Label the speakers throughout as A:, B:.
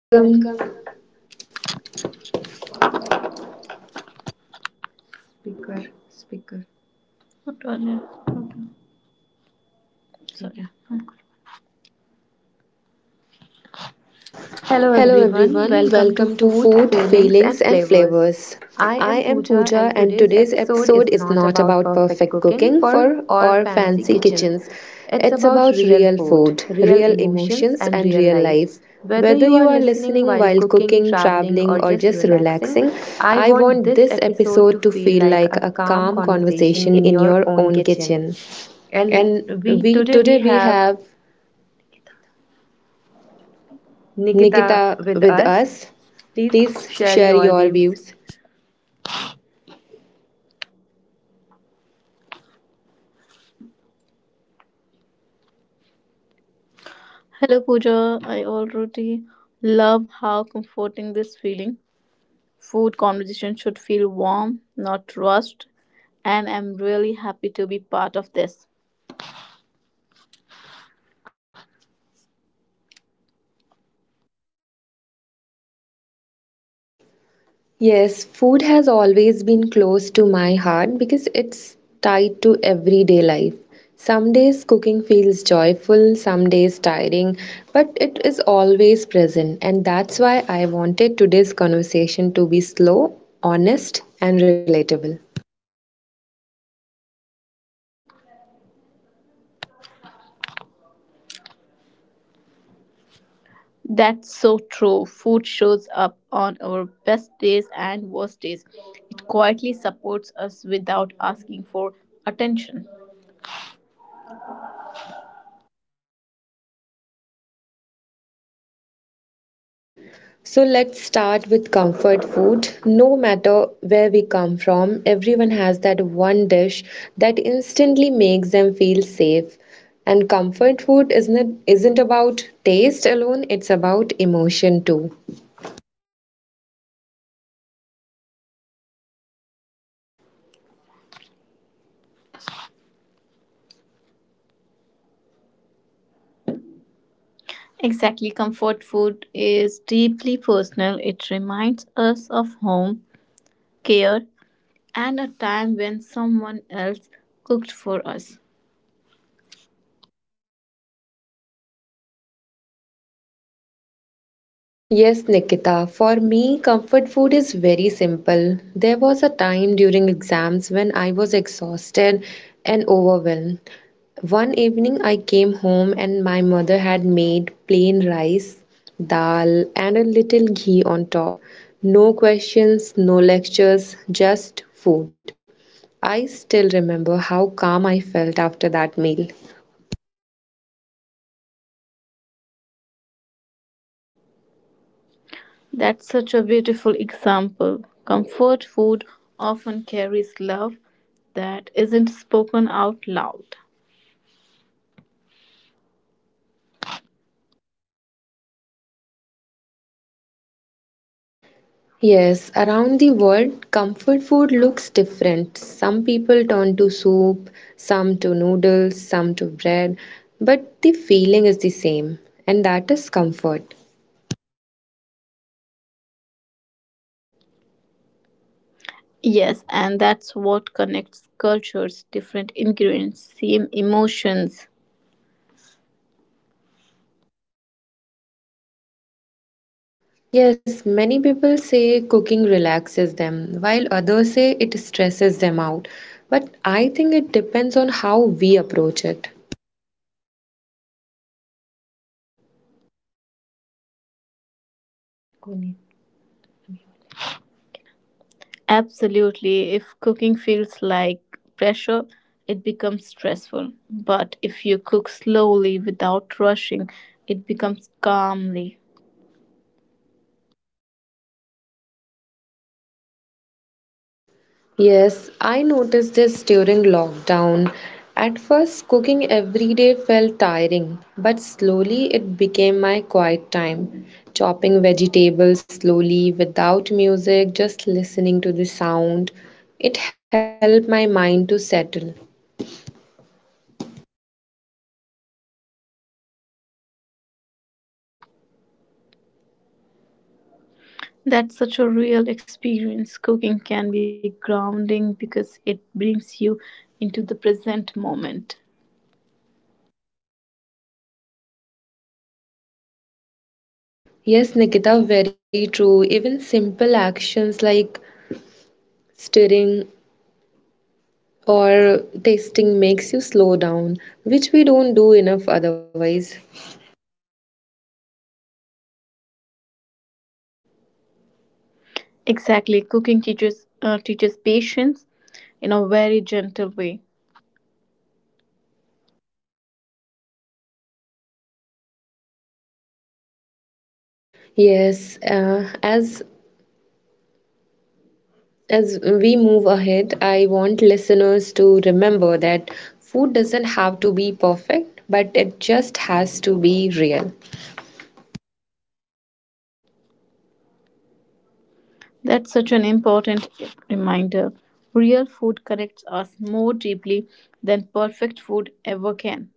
A: Welcome. Hello everyone. Welcome to Food, Feelings and Flavors. I am Pooja and today's episode is not about perfect cooking for or fancy kitchens. It's about real food, real emotions and real life. Whether you are listening while cooking, traveling, or just relaxing, I want this episode to feel like a calm conversation in your own kitchen. And we today we have Nikita with us. Please share your views.
B: Hello, Pooja. I already love how comforting this feeling. Food conversation should feel warm, not rushed, and I'm really happy to be part of this.
A: Yes, food has always been close to my heart because it's tied to everyday life. Some days cooking feels joyful, some days tiring, but it is always present, and that's why I wanted today's conversation to be slow, honest, and relatable.
B: That's so true. Food shows up on our best days and worst days. It quietly supports us without asking for attention.
A: So let's start with comfort food. No matter where we come from, everyone has that one dish that instantly makes them feel safe. And comfort food isn't about taste alone, it's about emotion too.
B: Exactly, comfort food is deeply personal. It reminds us of home, care, and a time when someone else cooked for us.
A: Yes, Nikita. For me, comfort food is very simple. There was a time during exams when I was exhausted and overwhelmed. One evening, I came home and my mother had made plain rice, dal, and a little ghee on top. No questions, no lectures, just food. I still remember how calm I felt after that meal.
B: That's such a beautiful example. Comfort food often carries love that isn't spoken out loud.
A: Yes, around the world, comfort food looks different. Some people turn to soup, some to noodles, some to bread, but the feeling is the same, and that is comfort.
B: Yes, and that's what connects cultures, different ingredients, same emotions.
A: Yes, many people say cooking relaxes them, while others say it stresses them out. But I think it depends on how we approach it.
B: Absolutely, if cooking feels like pressure, it becomes stressful. But if you cook slowly without rushing, it becomes calmly.
A: Yes, I noticed this during lockdown. At first, cooking every day felt tiring, but slowly it became my quiet time. Chopping vegetables slowly without music, just listening to the sound, it helped my mind to settle.
B: That's such a real experience. Cooking can be grounding because it brings you into the present moment.
A: Yes, Nikita, very true. Even simple actions like stirring or tasting makes you slow down, which we don't do enough otherwise.
B: Exactly, cooking teaches patience in a very gentle way.
A: Yes, as we move ahead, I want listeners to remember that food doesn't have to be perfect, but it just has to be real.
B: That's such an important reminder. Real food connects us more deeply than perfect food ever can.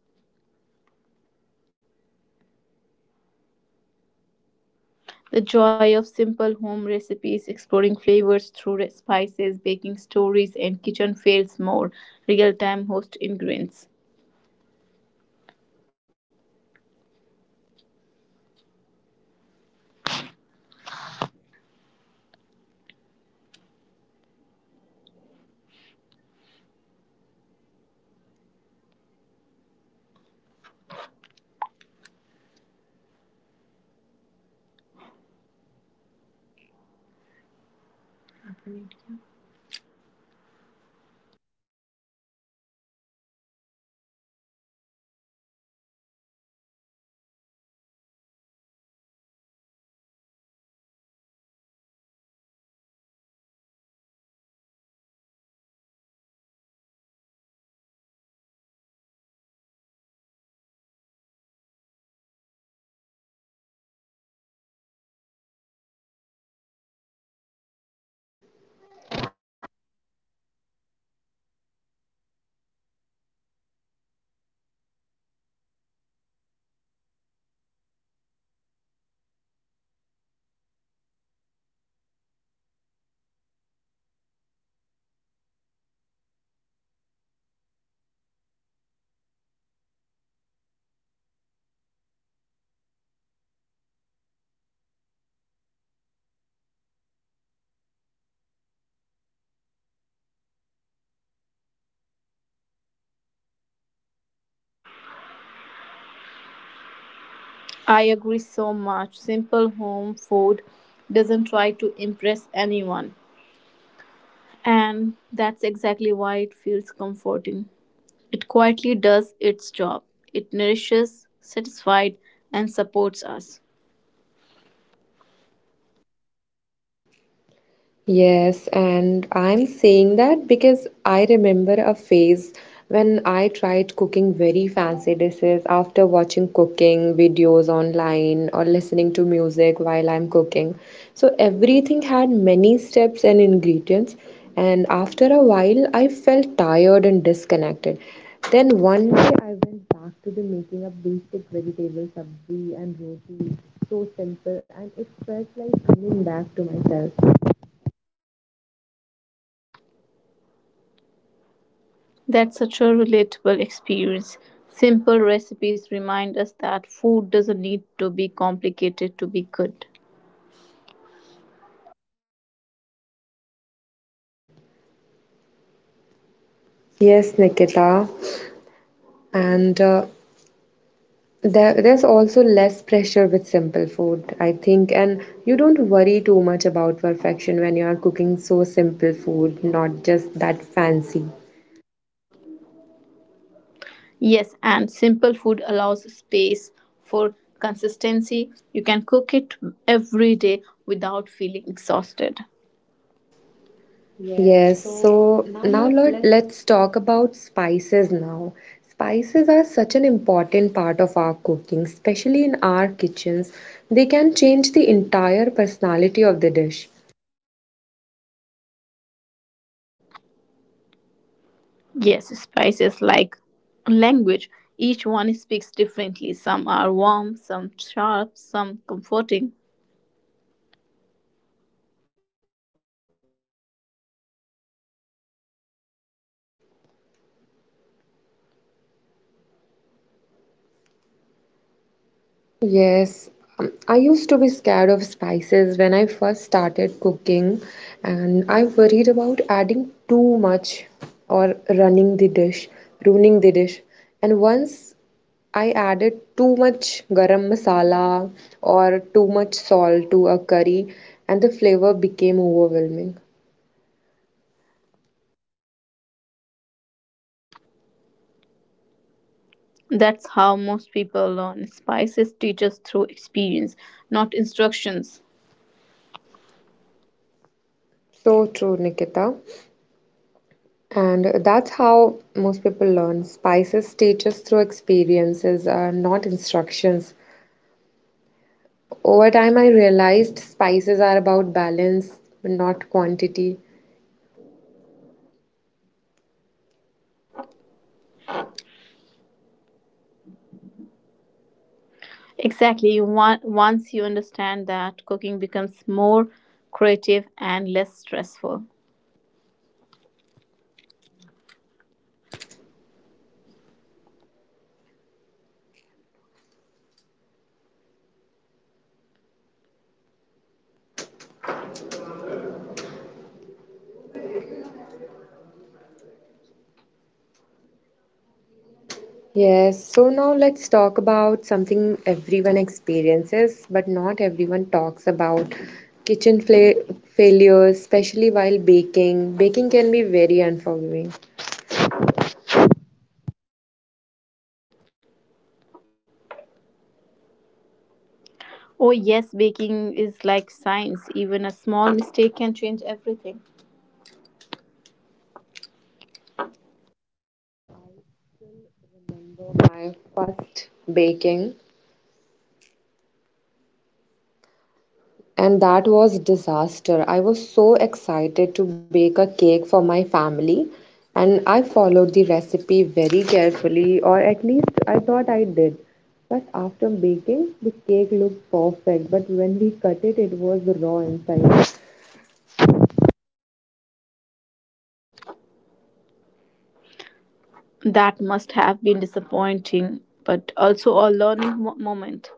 B: The joy of simple home recipes, exploring flavors through spices, baking stories, and kitchen fails more real time host ingredients.
A: Okay, so as we move to our next topic and the next part of our conversation, I want to talk about something very close to everyday life, simple home recipes, not the ones that take hours or need special ingredients, but the kind of food that fits into regular routines. And I think simple home food often gets ignored because it doesn't look that much exciting.
B: I agree so much. Simple home food doesn't try to impress anyone. And that's exactly why it feels comforting. It quietly does its job. It nourishes, satisfies, and supports us.
A: Yes, and I'm saying that because I remember a phase when I tried cooking very fancy dishes after watching cooking videos online or listening to music while I'm cooking. So everything had many steps and ingredients, and after a while, I felt tired and disconnected. Then one day I went back to the making of basic vegetable sabzi and roti, so simple, and it felt like coming back to myself.
B: That's such a relatable experience. Simple recipes remind us that food doesn't need to be complicated to be good.
A: Yes, Nikita. And there's also less pressure with simple food, I think. And you don't worry too much about perfection when you are cooking so simple food, not just that fancy.
B: Yes, and simple food allows space for consistency. You can cook it every day without feeling exhausted.
A: Yes, so now let's talk about spices now. Spices are such an important part of our cooking, especially in our kitchens. They can change the entire personality of the dish.
B: Yes, spices like language. Each one speaks differently. Some are warm, some sharp, some comforting.
A: Yes, I used to be scared of spices when I first started cooking, and I worried about adding too much or ruining the dish. And once I added too much garam masala or too much salt to a curry, and the flavor became overwhelming.
B: That's how most people learn. Spices teach us through experience, not instructions.
A: So true, Nikita. And that's how most people learn. Spices teach us through experiences, not instructions. Over time, I realized spices are about balance, not quantity.
B: Exactly. Once you understand that, cooking becomes more creative and less stressful.
A: Yes, so now let's talk about something everyone experiences, but not everyone talks about kitchen fla failures, especially while baking. Baking can be very unforgiving. So
B: Oh, yes, baking is like science. Even a small mistake can change everything.
A: my first baking, and that was disaster. I was so excited to bake a cake for my family and I followed the recipe very carefully, or at least I thought I did. But after baking, the cake looked perfect, but when we cut it, it was raw inside.
B: That must have been disappointing, but also a learning moment.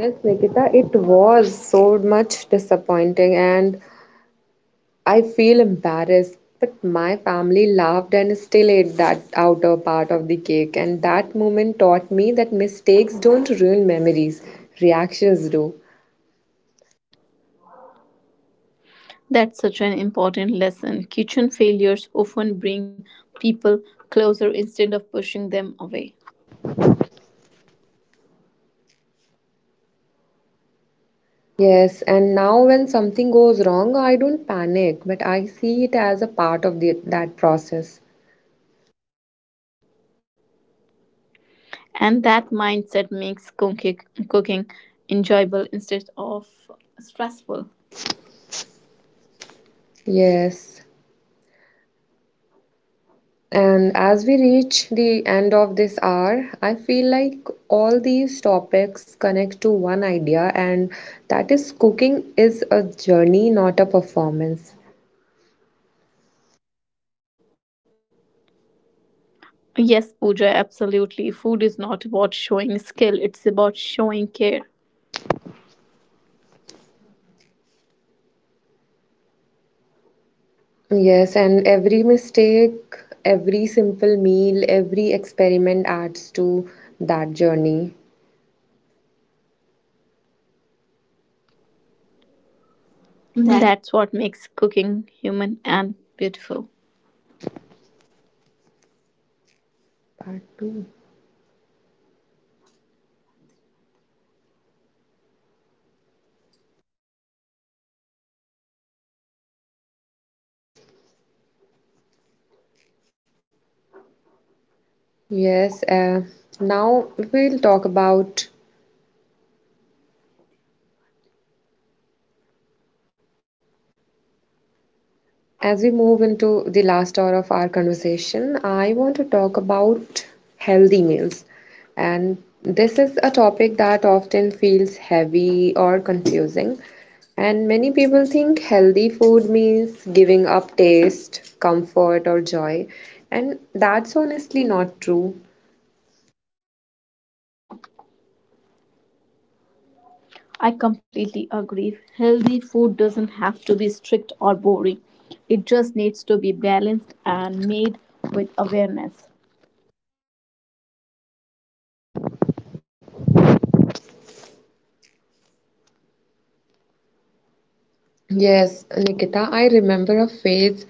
A: Yes, Nikita, it was so much disappointing and I feel embarrassed, but my family laughed and still ate that outer part of the cake. And that moment taught me that mistakes don't ruin memories, reactions do.
B: That's such an important lesson. Kitchen failures often bring people closer instead of pushing them away.
A: Yes, and now when something goes wrong, I don't panic, but I see it as a part of that process.
B: And that mindset makes cooking enjoyable instead of stressful.
A: Yes. And as we reach the end of this hour, I feel like all these topics connect to one idea, and that is cooking is a journey, not a performance.
B: Yes, Pooja, absolutely. Food is not about showing skill, it's about showing care.
A: Yes, and every mistake, every simple meal, every experiment adds to that journey.
B: That's what makes cooking human and beautiful.
A: Part two. Yes, now we'll talk about As we move into the last hour of our conversation, I want to talk about healthy meals. And this is a topic that often feels heavy or confusing. And many people think healthy food means giving up taste, comfort, or joy. And that's honestly not true.
B: I completely agree. Healthy food doesn't have to be strict or boring, it just needs to be balanced and made with awareness.
A: Yes, Nikita, I remember a phase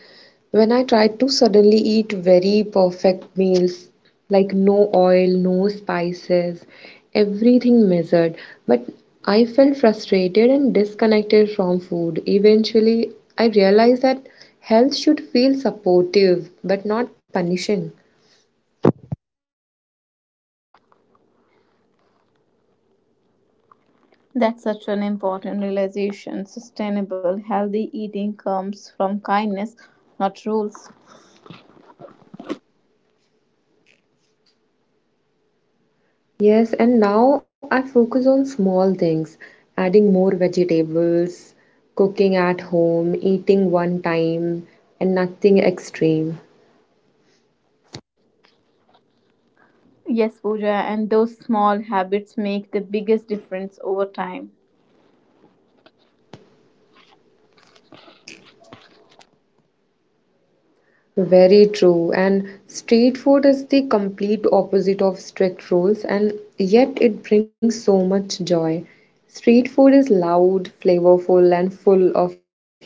A: when I tried to suddenly eat very perfect meals, like no oil, no spices, everything measured. But I felt frustrated and disconnected from food. Eventually, I realized that health should feel supportive but not punishing.
B: That's such an important realization. Sustainable, healthy eating comes from kindness, not rules.
A: Yes, and now I focus on small things, adding more vegetables, cooking at home, eating one time, and nothing extreme.
B: Yes, Pooja, and those small habits make the biggest difference over time.
A: Very true. And street food is the complete opposite of strict rules, and yet it brings so much joy. Street food is loud, flavorful, and full of life.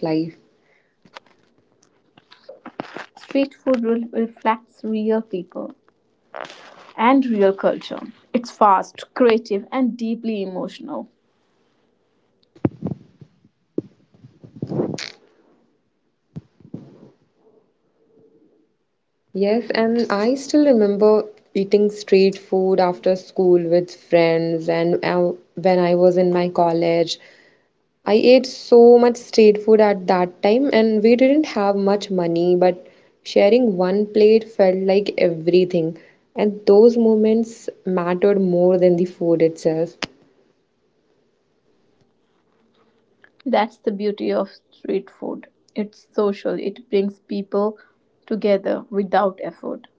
B: Street food reflects real people and real culture. It's fast, creative, and deeply emotional.
A: Yes, and I still remember eating street food after school with friends. And when I was in my college, I ate so much street food at that time, and we didn't have much money, but sharing one plate felt like everything. And those moments mattered more than the food itself.
B: That's the beauty of street food. It's social, it brings people together without effort.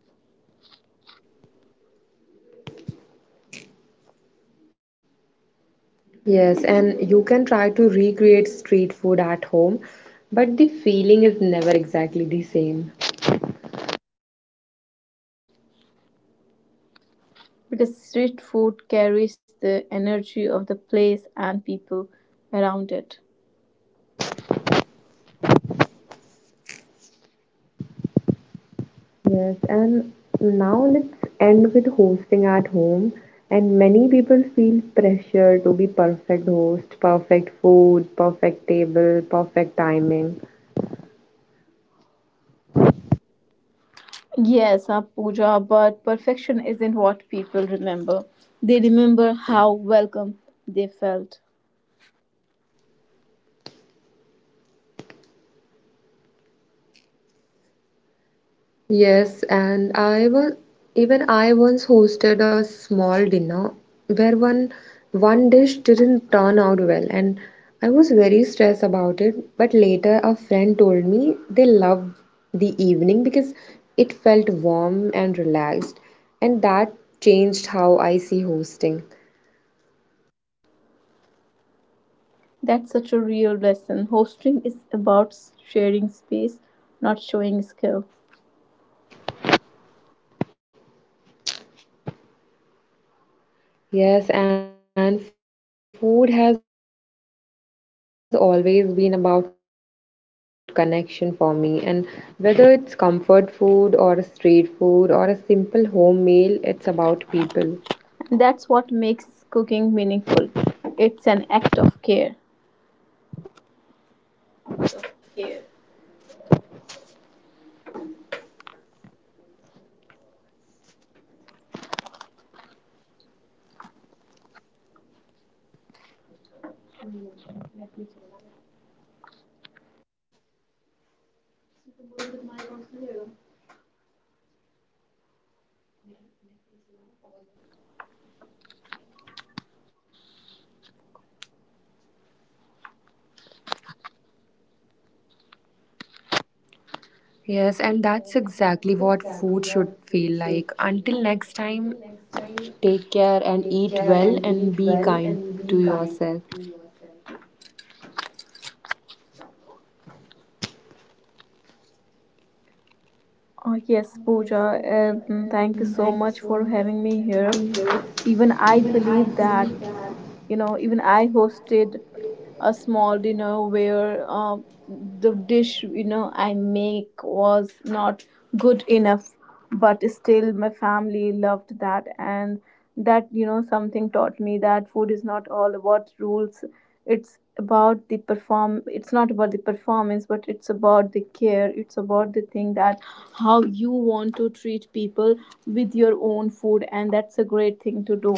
A: Yes, and you can try to recreate street food at home, but the feeling is never exactly the same.
B: Because street food carries the energy of the place and people around it.
A: Yes, and now let's end with hosting at home. And many people feel pressure to be perfect host, perfect food, perfect table, perfect timing.
B: Yes, Pooja, but perfection isn't what people remember. They remember how welcome they felt.
A: Yes, and I was even I once hosted a small dinner where one dish didn't turn out well, and I was very stressed about it. But later, a friend told me they loved the evening because it felt warm and relaxed, and that changed how I see hosting.
B: That's such a real lesson. Hosting is about sharing space, not showing skill.
A: Yes, and food has always been about connection for me. And whether it's comfort food or a street food or a simple home meal, it's about people.
B: That's what makes cooking meaningful. It's an act of care.
A: Yes, and that's exactly what food should feel like. Until next time, take care and eat well and be kind to yourself.
B: Oh, yes, Pooja, and thank you so much for having me here. Even I believe that, you know, even I hosted a small dinner where the dish, you know, I make was not good enough, but still my family loved that. And that, you know, something taught me that food is not all about rules. It's about the perform it's not about the performance, but it's about the care. It's about the thing that how you want to treat people with your own food, and that's a great thing to do.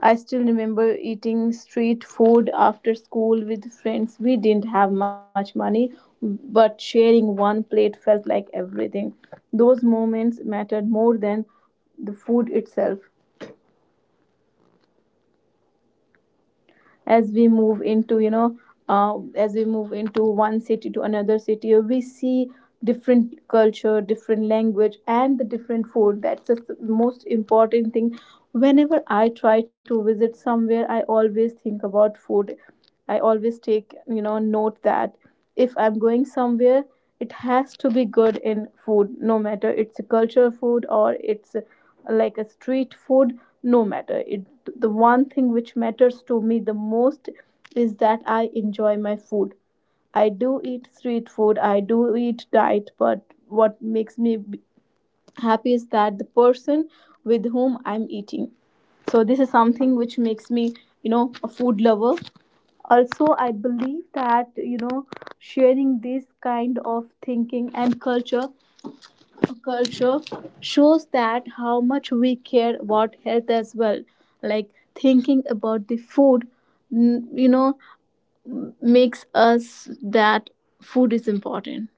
B: I still remember eating street food after school with friends. We didn't have much money, but sharing one plate felt like everything. Those moments mattered more than the food itself. As we move into, as we move into one city to another city, we see different culture, different language, and the different food. That's the most important thing. Whenever I try to visit somewhere, I always think about food. I always take, you know, note that if I'm going somewhere, it has to be good in food, no matter it's a cultural food or it's like a street food, no matter. It the one thing which matters to me the most is that I enjoy my food. I do eat street food, I do eat diet, but what makes me happy is that the person with whom I'm eating. So this is something which makes me, you know, a food lover. Also, I believe that, you know, sharing this kind of thinking and culture shows that how much we care about health as well, like thinking about the food. You know, makes us that food is important.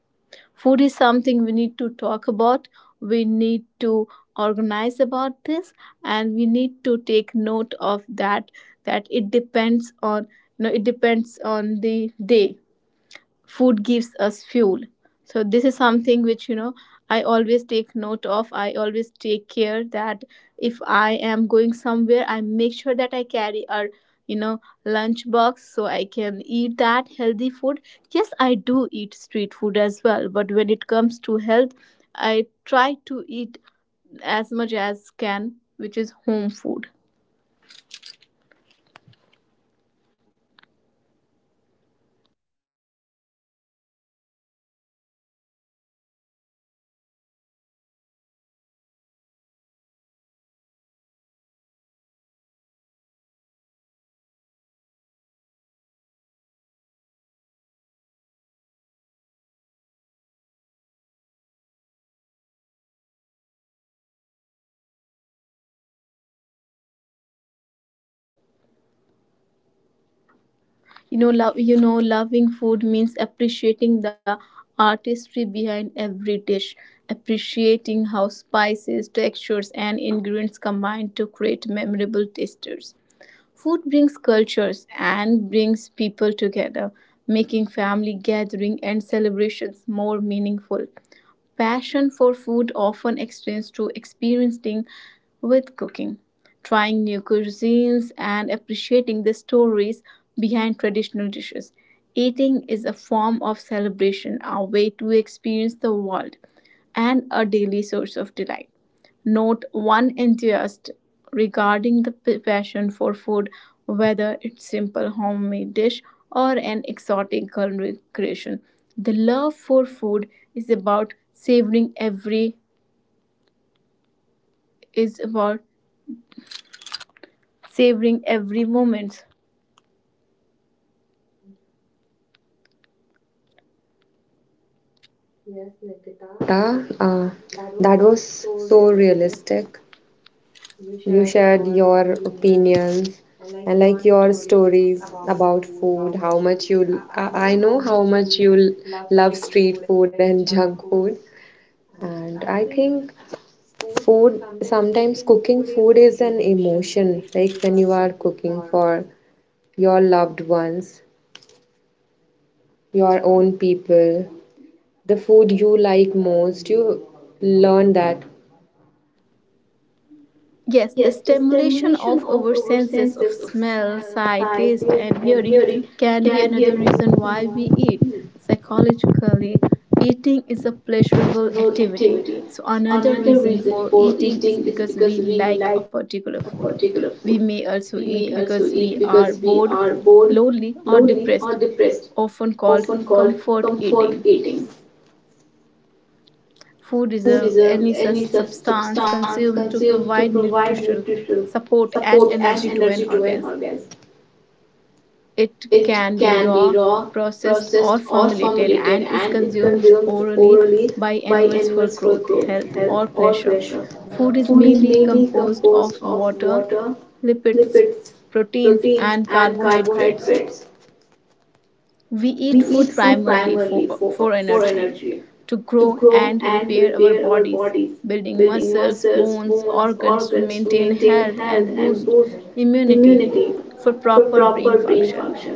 B: Food is something we need to talk about. We need to organize about this, and we need to take note of that, that it depends on, you know, it depends on the day. Food gives us fuel. So this is something which, you know, I always take note of. I always take care that if I am going somewhere, I make sure that I carry a, you know, lunch box so I can eat that healthy food. Yes, I do eat street food as well, but when it comes to health, I try to eat as much as can which is home food. You know, loving food means appreciating the artistry behind every dish, appreciating how spices, textures, and ingredients combine to create memorable tasters. Food brings cultures and brings people together, making family gatherings and celebrations more meaningful. Passion for food often extends to experiencing with cooking, trying new cuisines, and appreciating the stories behind traditional dishes. Eating is a form of celebration, a way to experience the world, and a daily source of delight. Note one enthusiast regarding the passion for food, whether it's simple homemade dish or an exotic culinary creation. The love for food is about savoring every is about savoring every moment.
A: Yes, Nikita, that was so realistic. You shared your opinions and like your stories about food, how much you I know how much you love street food and junk food. And I think food, sometimes cooking food is an emotion, like when you are cooking for your loved ones, your own people, the food you like most, you learn that.
B: Yes, the stimulation of our senses of smell, sight, taste, and hearing can be another reason why we eat. Psychologically, eating is a pleasurable activity. So, another reason for eating is because we like a particular food. We may also eat because we are bored, lonely, or depressed, often called comfort eating. Food is a, any substance consumed to provide nutritional support and energy to an organism. It can be raw, processed, or formulated and is consumed orally by animals for growth, health, or pleasure. Food is mainly composed of water, lipids, proteins, and carbohydrates. We eat food primarily for energy, to grow and repair our bodies, building muscles, bones, organs to maintain health and boost immunity for proper brain function,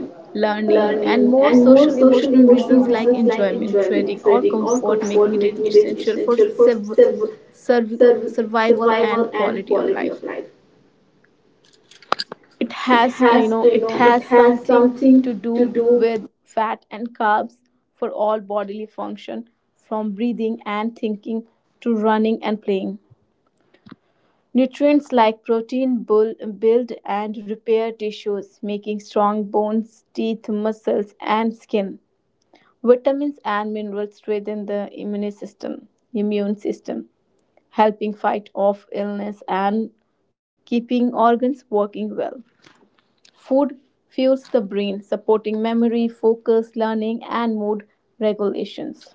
B: learning, and more social emotional reasons like enjoyment, trading, or comfort, making it essential for sur- survival and quality of life. It has, you know, it has something to do with fat and carbs for all bodily function, from breathing and thinking to running and playing. Nutrients like protein build and repair tissues, making strong bones, teeth, muscles, and skin. Vitamins and minerals strengthen the immune system immune system, helping fight off illness and keeping organs working well. Food fuels the brain, supporting memory, focus, learning, and mood regulations.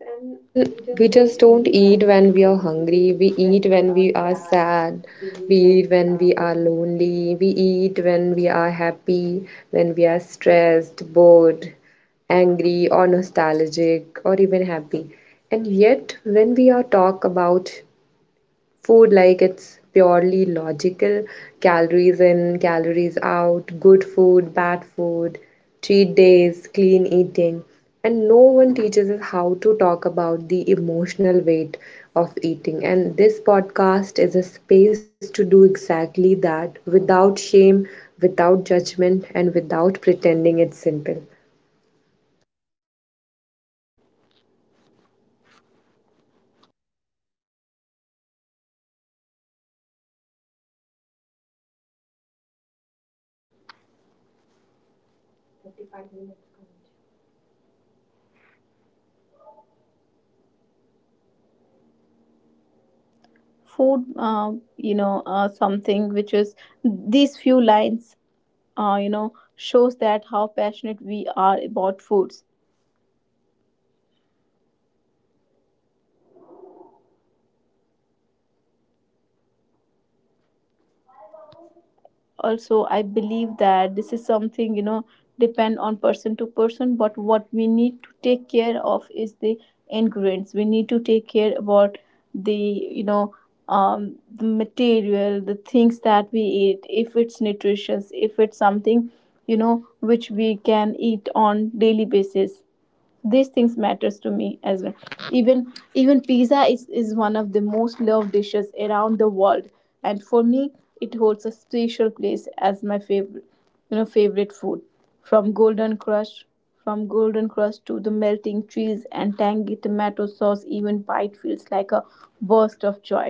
A: Yes, and we just don't eat when we are hungry. We eat when we are sad. We eat when we are lonely. We eat when we are happy, when we are stressed, bored, angry, or nostalgic, or even happy. And yet, when we are talk about food like it's purely logical, calories in, calories out, good food, bad food, cheat days, clean eating. And no one teaches us how to talk about the emotional weight of eating. And this podcast is a space to do exactly that without shame, without judgment, and without pretending it's simple.
B: Something which is these few lines, you know, shows that how passionate we are about foods. Also, I believe that this is something, you know, depend on person to person, but what we need to take care of is the ingredients. We need to take care about the, you know, the material, the things that we eat, if it's nutritious, if it's something, you know, which we can eat on daily basis. These things matters to me as well. Even pizza is one of the most loved dishes around the world, and for me it holds a special place as my favorite you know favorite food. from golden crush from golden crust to the melting cheese and tangy tomato sauce, even bite feels like a burst of joy.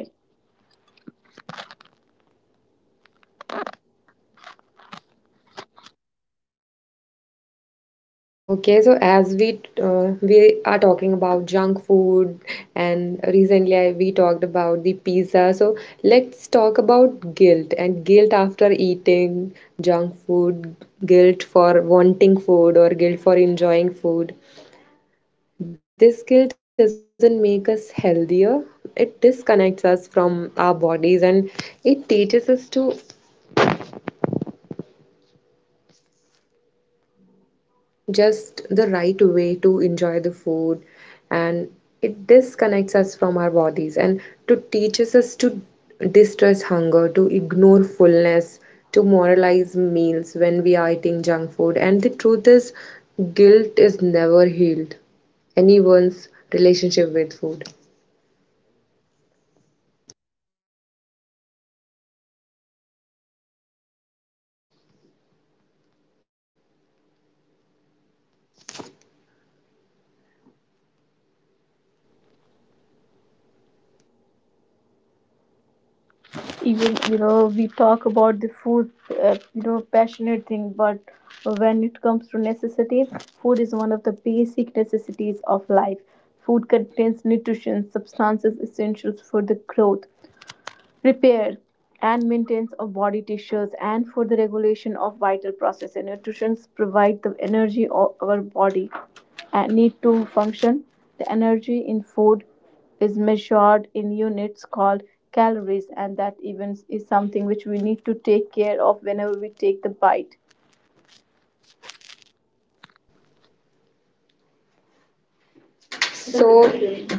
A: Okay, so as we are talking about junk food, and recently we talked about the pizza. So let's talk about guilt and guilt after eating junk food, guilt for wanting food or guilt for enjoying food. This guilt doesn't make us healthier. It disconnects us from our bodies and it teaches us to just the right way to enjoy the food, and it disconnects us from our bodies and to teaches us to distress hunger, to ignore fullness, to moralize meals when we are eating junk food. And the truth is, guilt is never healed anyone's relationship with food.
B: Even, you know, we talk about the food, you know, passionate thing, but when it comes to necessity, food is one of the basic necessities of life. Food contains nutrition substances essentials for the growth, repair, and maintenance of body tissues and for the regulation of vital processes. Nutrition provide the energy of our body and need to function. The energy in food is measured in units called calories, and that even is something which we need to take care of whenever we take the bite.
A: So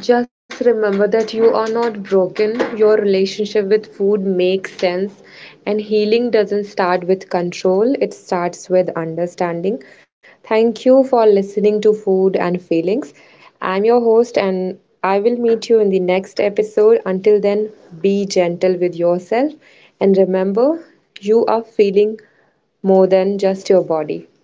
A: just remember that you are not broken. Your relationship with food makes sense. And healing doesn't start with control, it starts with understanding. Thank you for listening to Food and Feelings. I'm your host, and I will meet you in the next episode. Until then, be gentle with yourself. And remember, you are feeling more than just your body.